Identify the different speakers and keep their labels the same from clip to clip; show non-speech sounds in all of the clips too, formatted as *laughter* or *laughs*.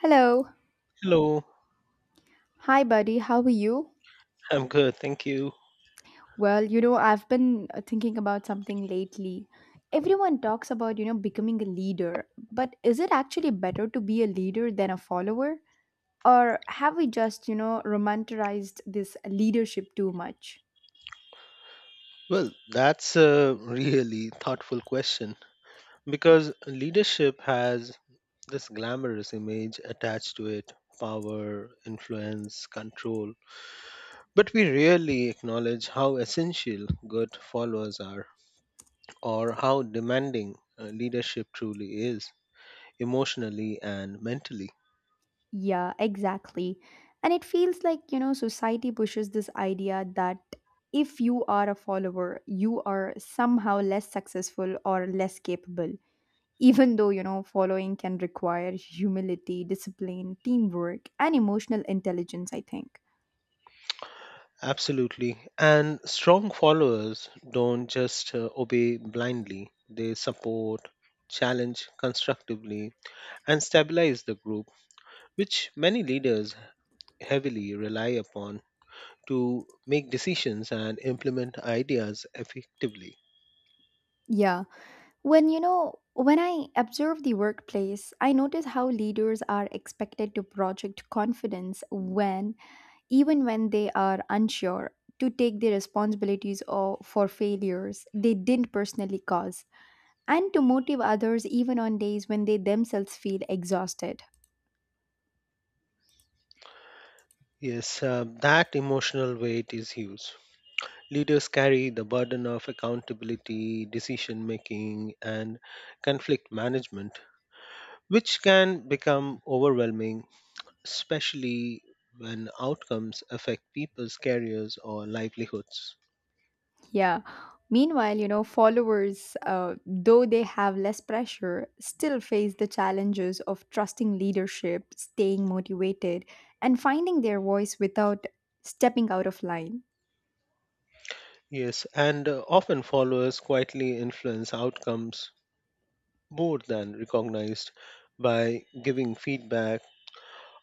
Speaker 1: Hello.
Speaker 2: Hello,
Speaker 1: Hi, buddy. How are you?
Speaker 2: I'm good, thank you.
Speaker 1: Well, I've been thinking about something lately. Everyone talks about, becoming a leader, but is it actually better to be a leader than a follower? Or have we just, romanticized this leadership too much?
Speaker 2: Well, that's a really thoughtful question because leadership has this glamorous image attached to it power, influence, control. But we rarely acknowledge how essential good followers are or how demanding leadership truly is, emotionally and mentally.
Speaker 1: Yeah, exactly. And it feels like, society pushes this idea that if you are a follower, you are somehow less successful or less capable. Even though, following can require humility, discipline, teamwork, and emotional intelligence, I think.
Speaker 2: Absolutely. And strong followers don't just obey blindly, they support, challenge constructively, and stabilize the group, which many leaders heavily rely upon to make decisions and implement ideas effectively.
Speaker 1: Yeah. When I observe the workplace, I notice how leaders are expected to project confidence even when they are unsure, to take the responsibilities or for failures they didn't personally cause, and to motive others even on days when they themselves feel exhausted.
Speaker 2: Yes, that emotional weight is huge. Leaders carry the burden of accountability, decision making, and conflict management, which can become overwhelming especially when outcomes affect people's careers or livelihoods.
Speaker 1: Yeah. Meanwhile, followers, though they have less pressure, still face the challenges of trusting leadership, staying motivated, and finding their voice without stepping out of line.
Speaker 2: Yes, and often followers quietly influence outcomes more than recognized by giving feedback,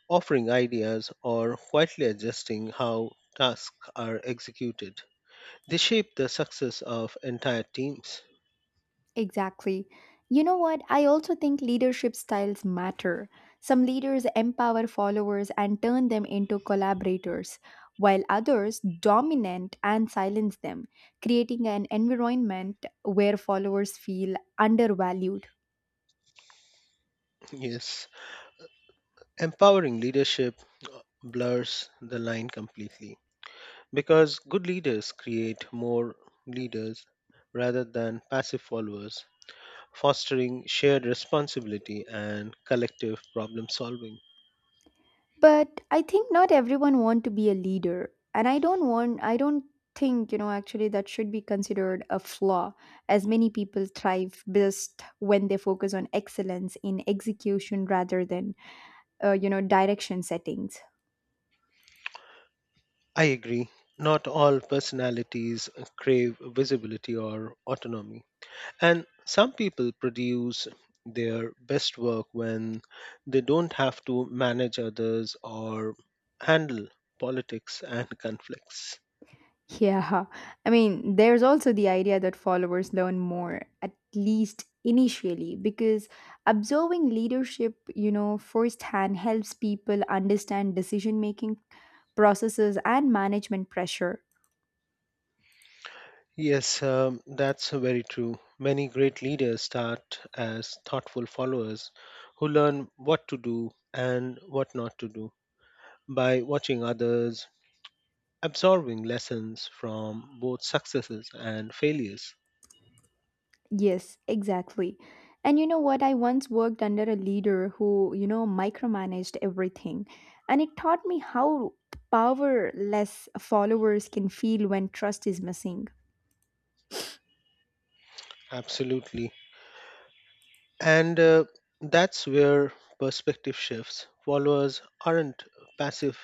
Speaker 2: offering ideas, or quietly adjusting how tasks are executed. They shape the success of entire teams.
Speaker 1: Exactly. You know what? I also think leadership styles matter. Some leaders empower followers and turn them into collaborators, while others dominate and silence them, creating an environment where followers feel undervalued.
Speaker 2: Yes, empowering leadership blurs the line completely. Because good leaders create more leaders rather than passive followers, fostering shared responsibility and collective problem solving.
Speaker 1: But I think not everyone want to be a leader, and I don't think, actually that should be considered a flaw as many people thrive best when they focus on excellence in execution rather than direction settings.
Speaker 2: I agree. Not all personalities crave visibility or autonomy. And some people produce their best work when they don't have to manage others or handle politics and conflicts.
Speaker 1: Yeah, I mean there's also the idea that followers learn more at least initially because observing leadership firsthand helps people understand decision making processes and management pressure.
Speaker 2: Yes, that's very true. Many great leaders start as thoughtful followers who learn what to do and what not to do by watching others, absorbing lessons from both successes and failures.
Speaker 1: Yes, exactly. And you know what, I once worked under a leader who micromanaged everything and it taught me how powerless followers can feel when trust is missing.
Speaker 2: Absolutely. And that's where perspective shifts. Followers aren't passive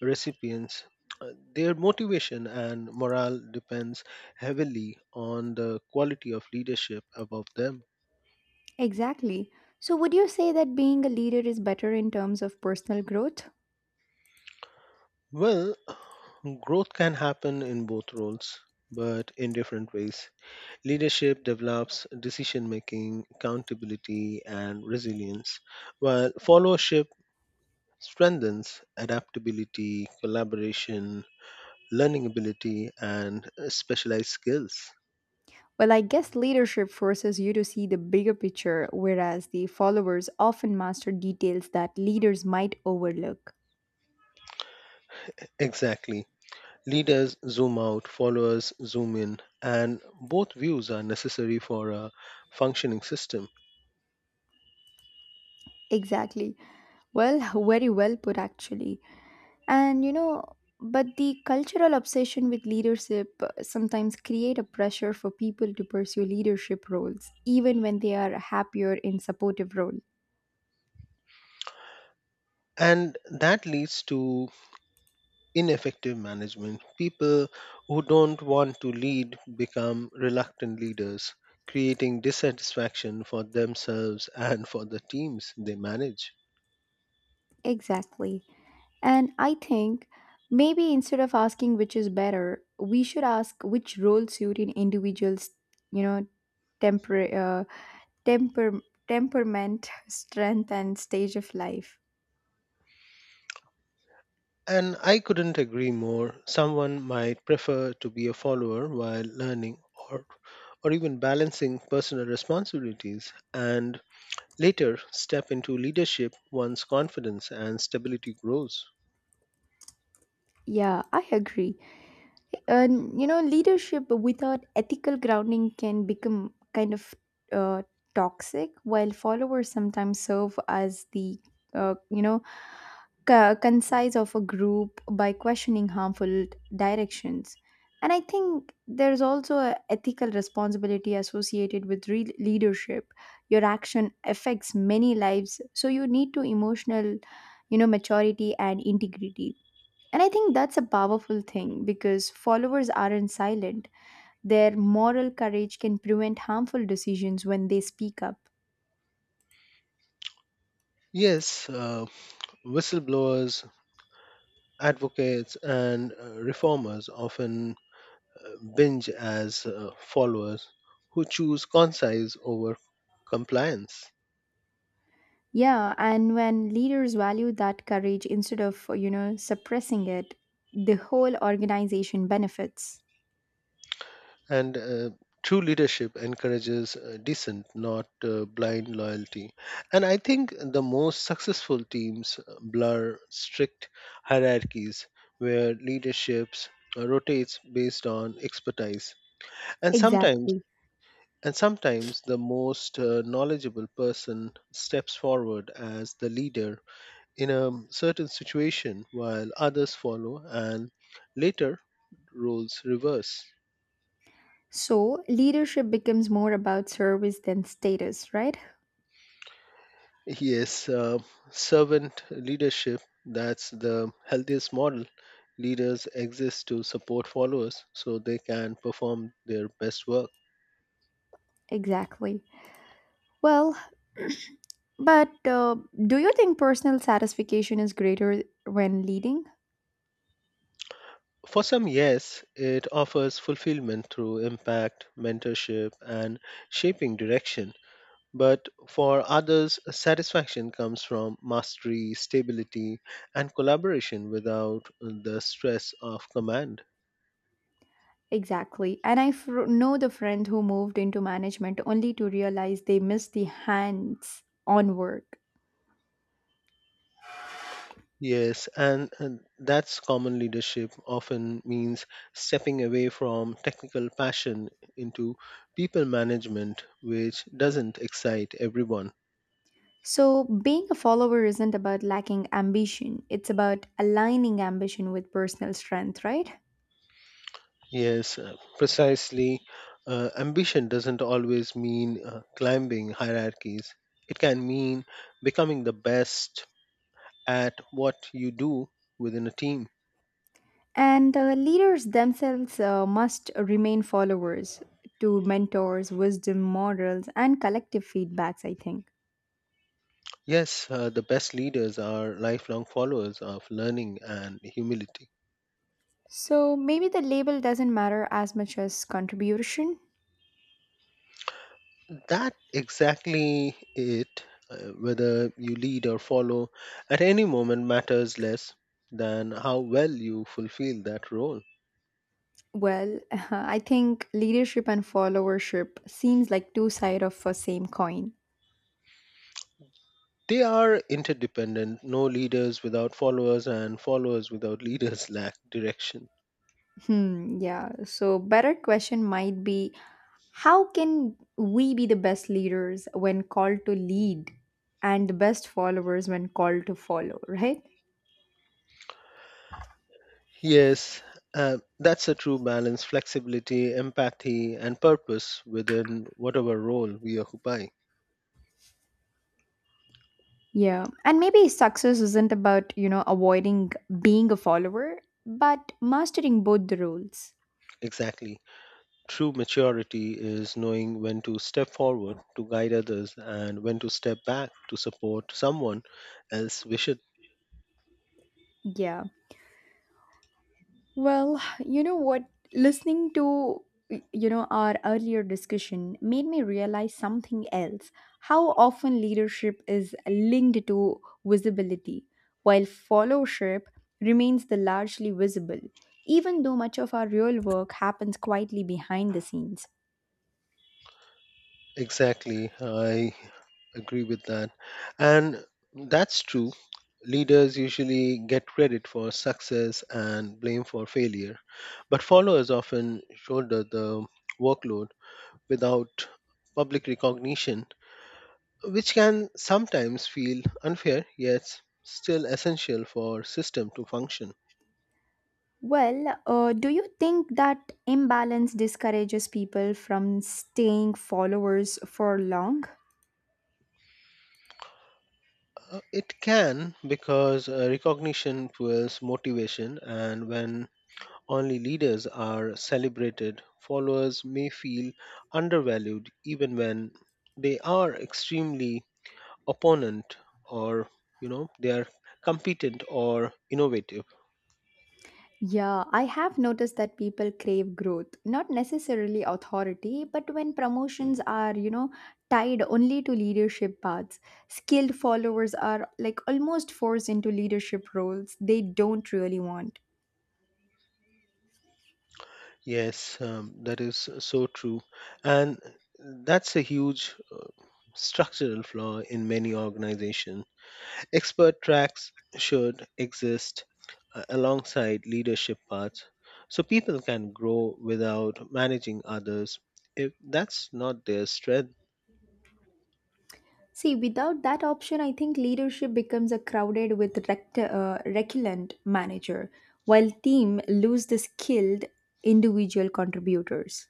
Speaker 2: recipients. Their motivation and morale depends heavily on the quality of leadership above them.
Speaker 1: Exactly. So, would you say that being a leader is better in terms of personal growth?
Speaker 2: Well, growth can happen in both roles, but in different ways. Leadership develops decision making, accountability, and resilience, while followership strengthens adaptability, collaboration, learning ability, and specialized skills.
Speaker 1: Well, I guess leadership forces you to see the bigger picture, whereas the followers often master details that leaders might overlook.
Speaker 2: Exactly. Leaders zoom out, followers zoom in, and both views are necessary for a functioning system.
Speaker 1: Exactly. Well, *laughs* very well put, actually. And but the cultural obsession with leadership sometimes create a pressure for people to pursue leadership roles, even when they are happier in supportive role.
Speaker 2: And that leads to ineffective management. People who don't want to lead become reluctant leaders, creating dissatisfaction for themselves and for the teams they manage.
Speaker 1: Exactly. And I think maybe instead of asking which is better, we should ask which role suit an individual's, you know, temper, uh, temper, temperament, *laughs* strength, and stage of life.
Speaker 2: And I couldn't agree more. Someone might prefer to be a follower while learning or or even balancing personal responsibilities and later step into leadership once confidence and stability grows.
Speaker 1: Yeah, I agree. And leadership without ethical grounding can become kind of uh, toxic, while followers sometimes serve as the uh, you know concise of a group by questioning harmful directions. And I think there's also an ethical responsibility associated with leadership. Your action affects many lives, so you need to emotional, maturity and integrity, and I think that's a powerful thing because followers aren't silent. Their moral courage can prevent harmful decisions when they speak up.
Speaker 2: Yes, whistleblowers, advocates, and reformers often uh, binge as followers who choose concise over compliance.
Speaker 1: Yeah, and when leaders value that courage instead of, suppressing it, the whole organization benefits.
Speaker 2: And true leadership encourages decent, not blind loyalty. And I think the most successful teams blur strict hierarchies where leaderships rotates based on expertise. And sometimes
Speaker 1: Exactly.
Speaker 2: and sometimes the most knowledgeable person steps forward as the leader in a certain situation while others follow and later roles reverse.
Speaker 1: So, leadership becomes more about service than status, right?
Speaker 2: Yes, servant leadership, that's the healthiest model. Leaders exist to support followers so they can perform their best work.
Speaker 1: Exactly. Well, *clears throat* but do you think personal satisfaction is greater when leading?
Speaker 2: For some, yes, it offers fulfillment through impact, mentorship, and shaping direction. But for others, satisfaction comes from mastery, stability, and collaboration without the stress of command.
Speaker 1: Exactly. And I know the friend who moved into management only to realize they missed the hands on work.
Speaker 2: Yes, and that's common leadership often means stepping away from technical passion into people management, which doesn't excite everyone.
Speaker 1: So, being a follower isn't about lacking ambition, it's about aligning ambition with personal strength, right?
Speaker 2: Yes, precisely. Ambition doesn't always mean climbing hierarchies, it can mean becoming the best at what you do within a team.
Speaker 1: And leaders themselves must remain followers to mentors, wisdom, morals, and collective feedbacks, I think.
Speaker 2: Yes, the best leaders are lifelong followers of learning and humility.
Speaker 1: So, maybe the label doesn't matter as much as contribution.
Speaker 2: That exactly it whether you lead or follow at any moment matters less than how well you fulfill that role.
Speaker 1: Well, *laughs* I think leadership and followership seems like two sides of a same coin.
Speaker 2: They are interdependent, no leaders without followers and followers without leaders *laughs* lack direction.
Speaker 1: Hmm, yeah. So better question might be how can we be the best leaders when called to lead and the best followers when called to follow, right?
Speaker 2: Yes, that's a true balance flexibility empathy and purpose within whatever role we occupy.
Speaker 1: Yeah. And maybe success isn't about, avoiding being a follower, but mastering both the roles.
Speaker 2: Exactly. True maturity is knowing when to step forward to guide others and when to step back to support someone else. We should
Speaker 1: Yeah. Well, you know what? Listening to our earlier discussion made me realize something else. How often leadership is linked to visibility, while followership remains the largely visible, even though much of our real work happens quietly behind the scenes.
Speaker 2: exactly. I agree with that. And that's true. Leaders usually get credit for success and blame for failure, but followers often shoulder the workload without public recognition, which can sometimes feel unfair yet still essential for system to function.
Speaker 1: Well, do you think that imbalance discourages people from staying followers for long?
Speaker 2: It can because recognition fuels motivation, and when only leaders are celebrated, followers may feel undervalued even when they are extremely opponent or you know they are competent or innovative.
Speaker 1: Yeah, I have noticed that people crave growth, not necessarily authority, but when promotions are, tied only to leadership paths, skilled followers are like almost forced into leadership roles they don't really want.
Speaker 2: Yes, that is so true, and that's a huge structural flaw in many organizations. Expert tracks should exist alongside leadership paths so people can grow without managing others if that's not their strength.
Speaker 1: See, without that option, I think leadership becomes a crowded with reculant manager, while team lose the skilled individual contributors.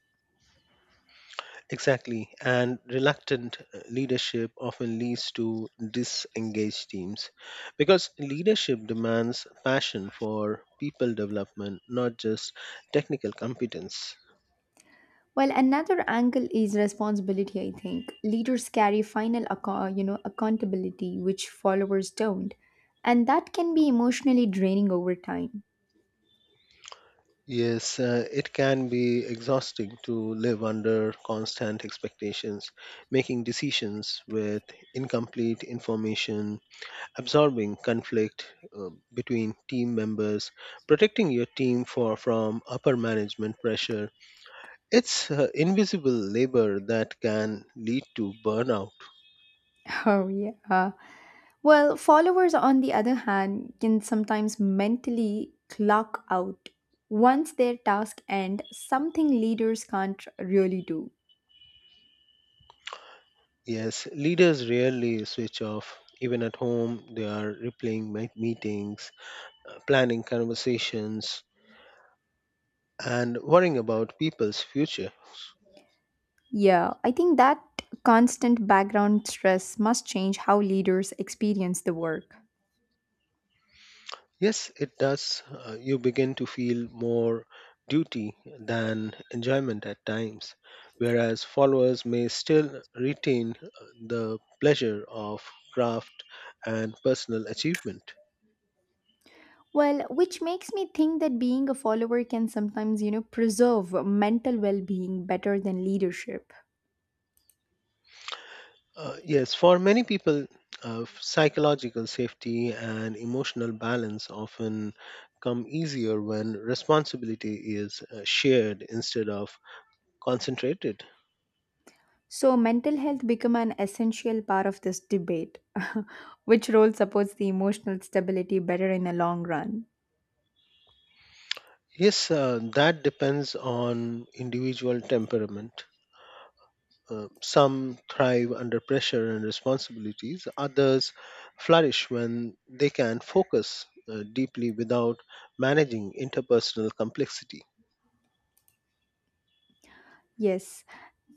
Speaker 2: Exactly, and reluctant leadership often leads to disengaged teams because leadership demands passion for people development, not just technical competence.
Speaker 1: Well, another angle is responsibility, I think. Leaders carry final accountability which followers don't, and that can be emotionally draining over time.
Speaker 2: Yes, it can be exhausting to live under constant expectations, making decisions with incomplete information, absorbing conflict between team members, protecting your team for, from upper management pressure. It's invisible labor that can lead to burnout.
Speaker 1: *laughs* Oh yeah. Well, followers on the other hand can sometimes mentally clock out once their task end, something leaders can't really do.
Speaker 2: Yes, leaders rarely switch off. Even at home, they are replaying meetings, planning conversations, and worrying about people's future.
Speaker 1: Yeah, I think that constant background stress must change how leaders experience the work.
Speaker 2: Yes, it does. You begin to feel more duty than enjoyment at times, whereas followers may still retain the pleasure of craft and personal achievement.
Speaker 1: Well, which makes me think that being a follower can sometimes, preserve mental well-being better than leadership.
Speaker 2: Yes, for many people, psychological safety and emotional balance often come easier when responsibility is shared instead of concentrated.
Speaker 1: So mental health become an essential part of this debate. *laughs* Which role supports the emotional stability better in the long run?
Speaker 2: Yes, that depends on individual temperament. Some thrive under pressure and responsibilities, others flourish when they can focus deeply without managing interpersonal complexity.
Speaker 1: Yes.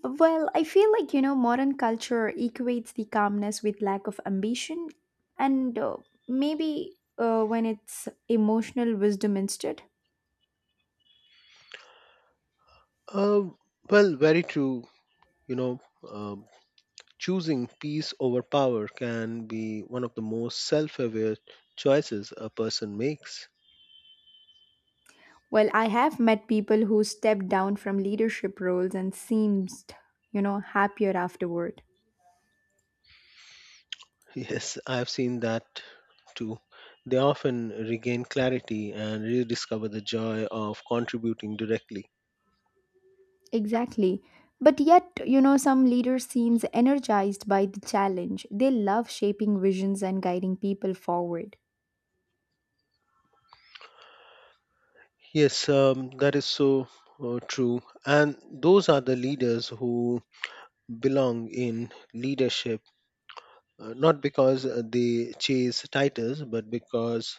Speaker 1: Well, I feel like, modern culture equates the calmness with lack of ambition and maybe when it's emotional wisdom instead.
Speaker 2: Uh, well, very true. You know, uh, choosing peace over power can be one of the most self aware choices a person makes.
Speaker 1: Well, I have met people who stepped down from leadership roles and seemed, happier afterward.
Speaker 2: Yes, I have seen that too. They often regain clarity and rediscover the joy of contributing directly.
Speaker 1: Exactly. But yet, some leaders seems energized by the challenge. They love shaping visions and guiding people forward.
Speaker 2: Yes, that is so true. And those are the leaders who belong in leadership, not because they chase titles, but because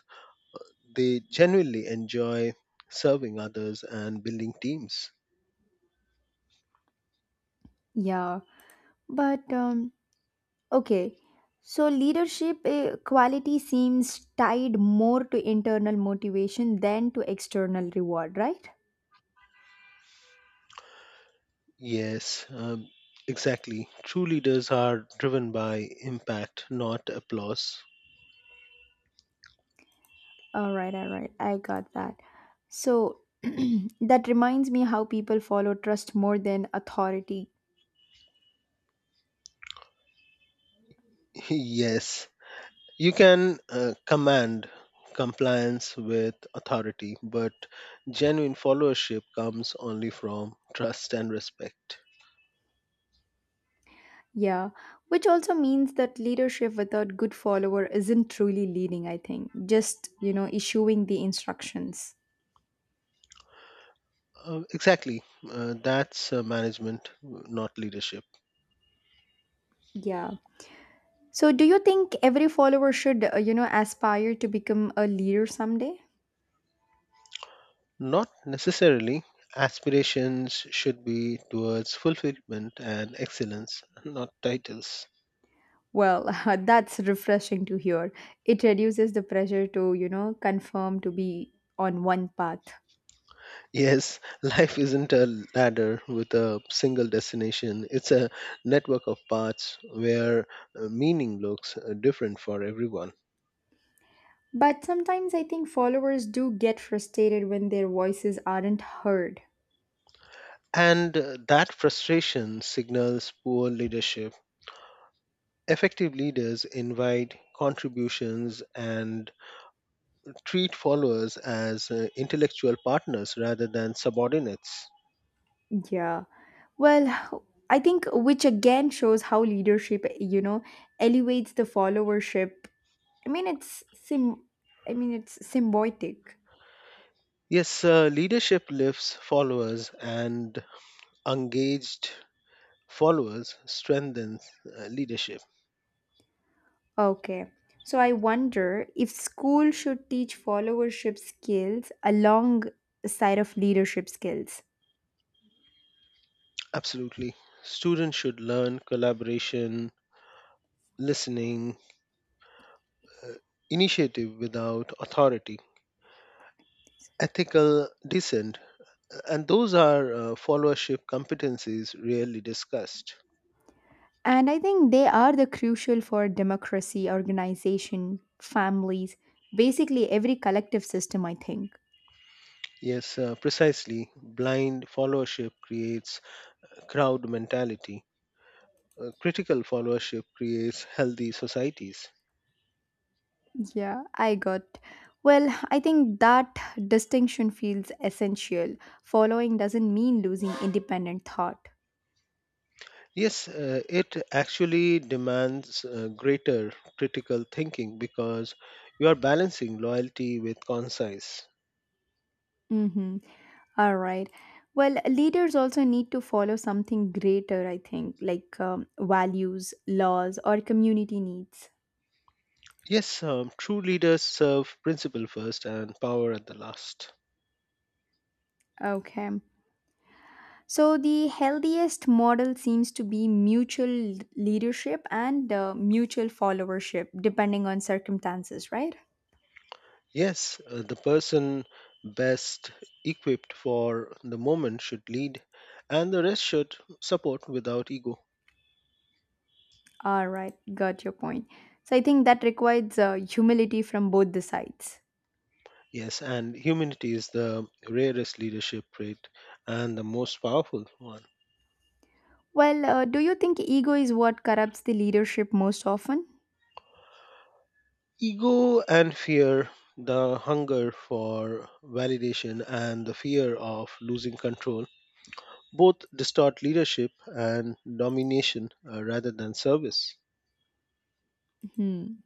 Speaker 2: they genuinely enjoy serving others and building teams.
Speaker 1: Yeah. But Okay. So leadership quality seems tied more to internal motivation than to external reward, right?
Speaker 2: Yes, exactly. True leaders are driven by impact, not applause.
Speaker 1: All right, all right. I got that. So *clears throat* that reminds me how people follow trust more than authority.
Speaker 2: Yes, you can command compliance with authority, but genuine followership comes only from trust and respect.
Speaker 1: Yeah, which also means that leadership without good follower isn't truly leading, I think. Just, issuing the instructions.
Speaker 2: Exactly, that's management, not leadership.
Speaker 1: Yeah. So do you think every follower should, aspire to become a leader someday?
Speaker 2: Not necessarily. Aspirations should be towards fulfillment and excellence, not titles.
Speaker 1: Well, *laughs* that's refreshing to hear. It reduces the pressure to, confirm to be on one path.
Speaker 2: Yes, *laughs* life isn't a ladder with a single destination. It's a network of paths where meaning looks different for everyone.
Speaker 1: But sometimes I think followers do get frustrated when their voices aren't heard.
Speaker 2: And that frustration signals poor leadership. Effective leaders invite contributions and treat followers as intellectual partners rather than subordinates.
Speaker 1: Yeah. Well, I think which again shows how leadership, elevates the followership. I mean, it's sim I mean, it's symbiotic.
Speaker 2: Yes, leadership lifts followers, and engaged followers strengthens leadership.
Speaker 1: Okay. So I wonder if school should teach followership skills alongside of leadership skills.
Speaker 2: Absolutely. Students should learn collaboration, listening, initiative without authority, ethical dissent, and those are followership competencies rarely discussed.
Speaker 1: And I think they are the crucial for democracy, organization, families, basically every collective system, I think.
Speaker 2: Yes, precisely. Blind followership creates crowd mentality. Critical followership creates healthy societies.
Speaker 1: Yeah, I got. Well, I think that distinction feels essential. Following doesn't mean losing independent thought.
Speaker 2: Yes, it actually demands greater critical thinking because you are balancing loyalty with conscience.
Speaker 1: Mm-hmm. All right. Well, leaders also need to follow something greater, I think, like values, laws, or community needs.
Speaker 2: Yes, true leaders serve principle first and power at the last.
Speaker 1: Okay. So, the healthiest model seems to be mutual leadership and mutual followership, depending on circumstances, right?
Speaker 2: Yes, the person best equipped for the moment should lead, and the rest should support without ego.
Speaker 1: All right, got your point. So, I think that requires humility from both the sides.
Speaker 2: Yes, and humility is the rarest leadership trait and the most powerful one.
Speaker 1: Well, do you think ego is what corrupts the leadership most often?
Speaker 2: Ego and fear, the hunger for validation and the fear of losing control, both distort leadership and domination rather than service.
Speaker 1: Hmm.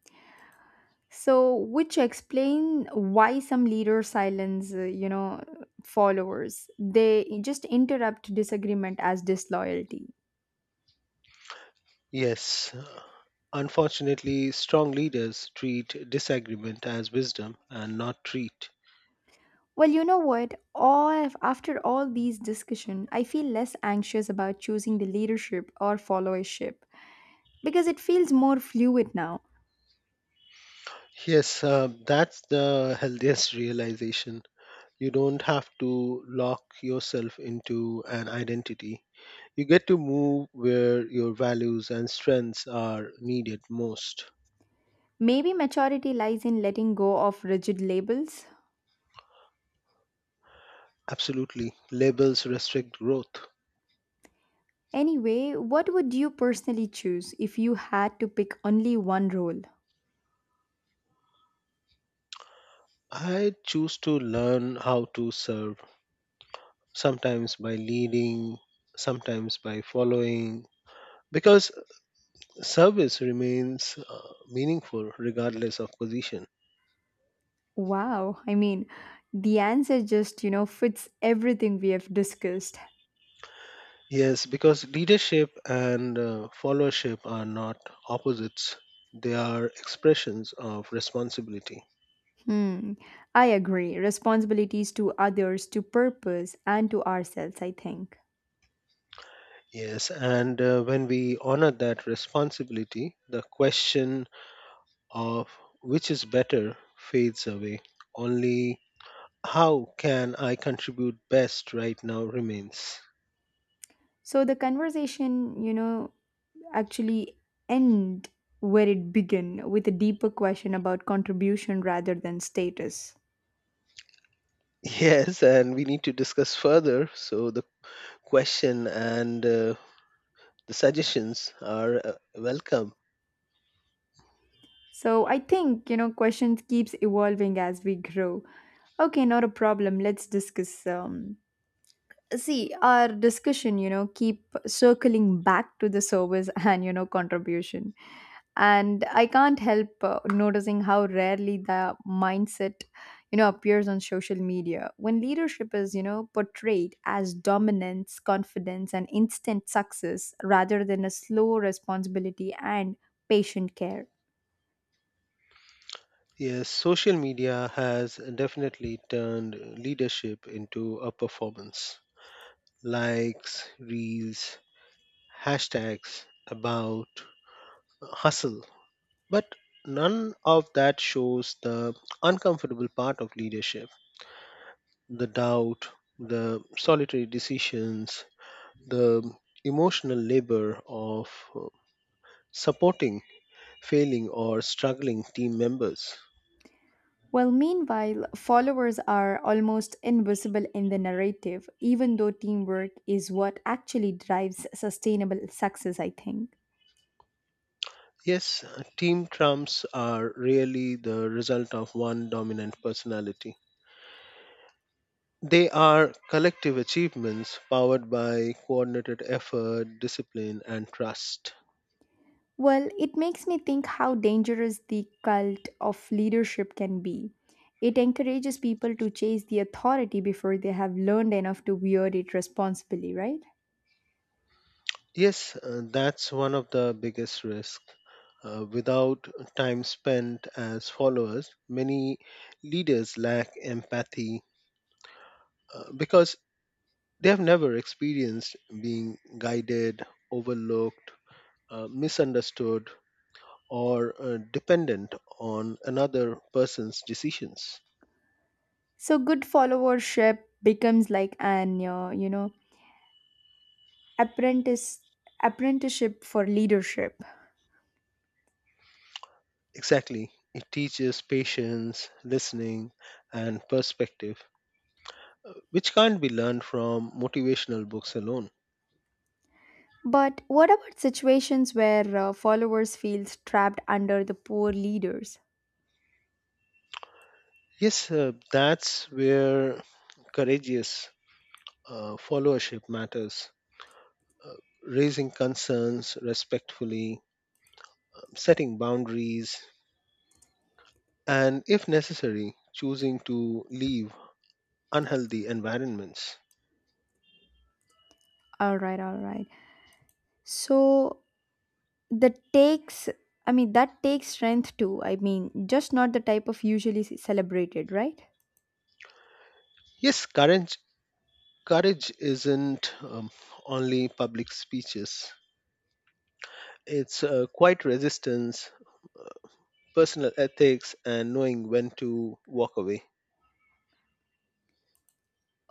Speaker 1: So, which explain why some leaders silence, followers. They just interrupt disagreement as disloyalty.
Speaker 2: Yes, unfortunately, strong leaders treat disagreement as wisdom and not treat.
Speaker 1: Well, you know what? All after all these discussion, I feel less anxious about choosing the leadership or followership because it feels more fluid now.
Speaker 2: Yes, that's the healthiest realization. You don't have to lock yourself into an identity. You get to move where your values and strengths are needed most.
Speaker 1: Maybe maturity lies in letting go of rigid labels.
Speaker 2: Absolutely. Labels restrict growth.
Speaker 1: Anyway, what would you personally choose if you had to pick only one role?
Speaker 2: I choose to learn how to serve, sometimes by leading, sometimes by following, because service remains meaningful regardless of position.
Speaker 1: Wow, I mean, the answer just, fits everything we have discussed.
Speaker 2: Yes, because leadership and followership are not opposites, they are expressions of responsibility.
Speaker 1: Hmm, I agree. Responsibilities to others, to purpose, and to ourselves, I think.
Speaker 2: Yes, and when we honor that responsibility, the question of which is better fades away. Only how can I contribute best right now remains. *laughs*
Speaker 1: So the conversation, actually end where it began with a deeper question about contribution rather than status.
Speaker 2: Yes, and we need to discuss further. So, the question and the suggestions are welcome.
Speaker 1: So I think, questions keeps evolving as we grow. Okay, not a problem. Let's discuss see our discussion, keep circling back to the service *laughs* and, contribution. And I can't help noticing how rarely the mindset appears on social media when leadership is portrayed as dominance, confidence, and instant success rather than a slow responsibility and patient care.
Speaker 2: Yes, social media has definitely turned leadership into a performance. Likes, reels, hashtags, about, hustle. But none of that shows the uncomfortable part of leadership the doubt, the solitary decisions, the emotional labor of uh, supporting failing or struggling team members.
Speaker 1: Well, meanwhile, followers are almost invisible in the narrative, even though teamwork is what actually drives sustainable success, I think.
Speaker 2: Yes, team trumps are really the result of one dominant personality. They are collective achievements powered by coordinated effort, discipline, and trust.
Speaker 1: Well, it makes me think how dangerous the cult of leadership can be. It encourages people to chase the authority before they have learned enough to wield it responsibly, right?
Speaker 2: Yes, that's one of the biggest risks. Without time spent as followers, many leaders lack empathy because they have never experienced being guided, overlooked, misunderstood, or dependent on another person's decisions.
Speaker 1: So good followership becomes like an apprentice apprenticeship for leadership.
Speaker 2: Exactly. It teaches patience, listening, and perspective, which can't be learned from motivational books alone.
Speaker 1: But what about situations where followers feel trapped under the poor leaders?
Speaker 2: Yes, that's where courageous followership matters. Uh, Raising concerns respectfully, setting boundaries, and if necessary, choosing to leave unhealthy environments.
Speaker 1: All right, all right. So the takes, I mean, that takes strength too. I mean, just not the type of usually celebrated, right?
Speaker 2: Yes, courage courage isn't only public speeches, it's quite resistance, personal ethics, and knowing when to walk away.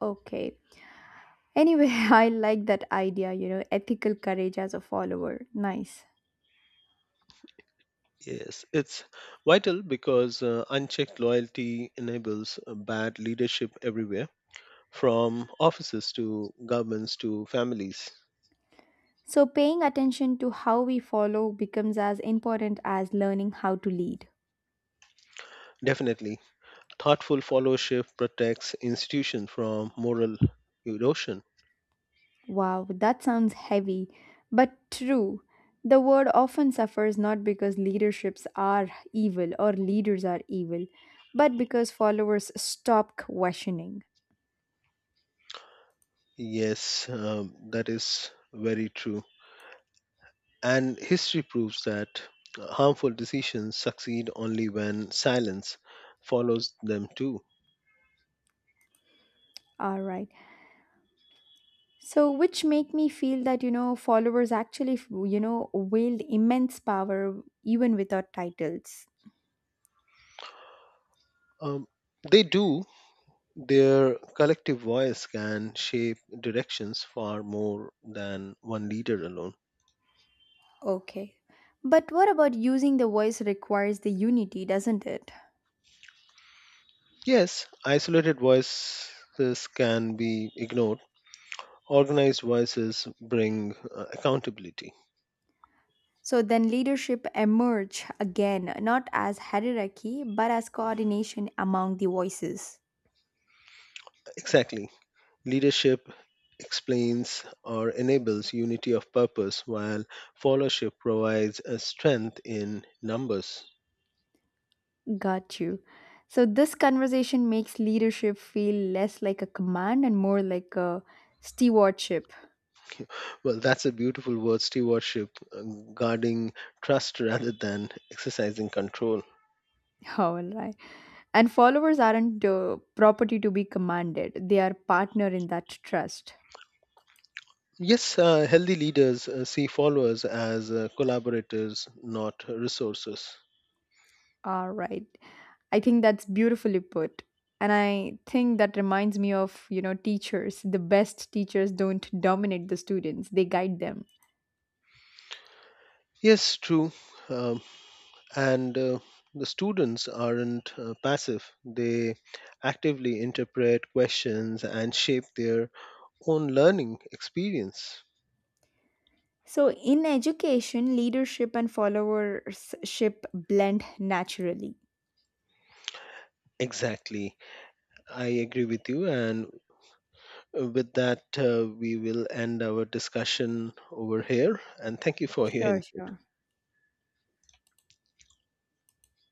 Speaker 1: Okay. Anyway, *laughs* I like that idea, ethical courage as a follower. Nice.
Speaker 2: Yes, it's vital because unchecked loyalty enables bad leadership everywhere, from offices to governments to families.
Speaker 1: So, paying attention to how we follow becomes as important as learning how to lead.
Speaker 2: Definitely, thoughtful followership protects institutions from moral erosion.
Speaker 1: Wow, that sounds heavy, but true. The world often suffers not because leaderships are evil or leaders are evil, but because followers stop questioning.
Speaker 2: Yes, that is very true. And history proves that harmful decisions succeed only when silence follows them too.
Speaker 1: All right. So, which make me feel that followers actually wield immense power even without titles.
Speaker 2: Um, they do. Their collective voice can shape directions far more than one leader alone.
Speaker 1: Okay. But what about using the voice requires the unity, doesn't it?
Speaker 2: Yes, isolated voices can be ignored. Organized voices bring accountability.
Speaker 1: So then leadership emerge again, not as hierarchy, but as coordination among the voices.
Speaker 2: Exactly, leadership explains or enables unity of purpose, while followership provides a strength in numbers.
Speaker 1: Got you. So this conversation makes leadership feel less like a command and more like a stewardship.
Speaker 2: Well, that's a beautiful word, stewardship, uh, guarding trust *laughs* rather than exercising control.
Speaker 1: *laughs* All right. And followers aren't property to be commanded. They are partner in that trust.
Speaker 2: Yes, healthy leaders see followers as collaborators, not resources.
Speaker 1: All right. I think that's beautifully put. And I think that reminds me of, teachers. The best teachers don't dominate the students, they guide them.
Speaker 2: Yes, true. Um, and the students aren't passive, they actively interpret questions and shape their own learning experience.
Speaker 1: So, in education, leadership and followership blend naturally.
Speaker 2: Exactly. I agree with you. And with that, we will end our discussion over here. And thank you for your
Speaker 1: Sure,
Speaker 2: input.
Speaker 1: sure.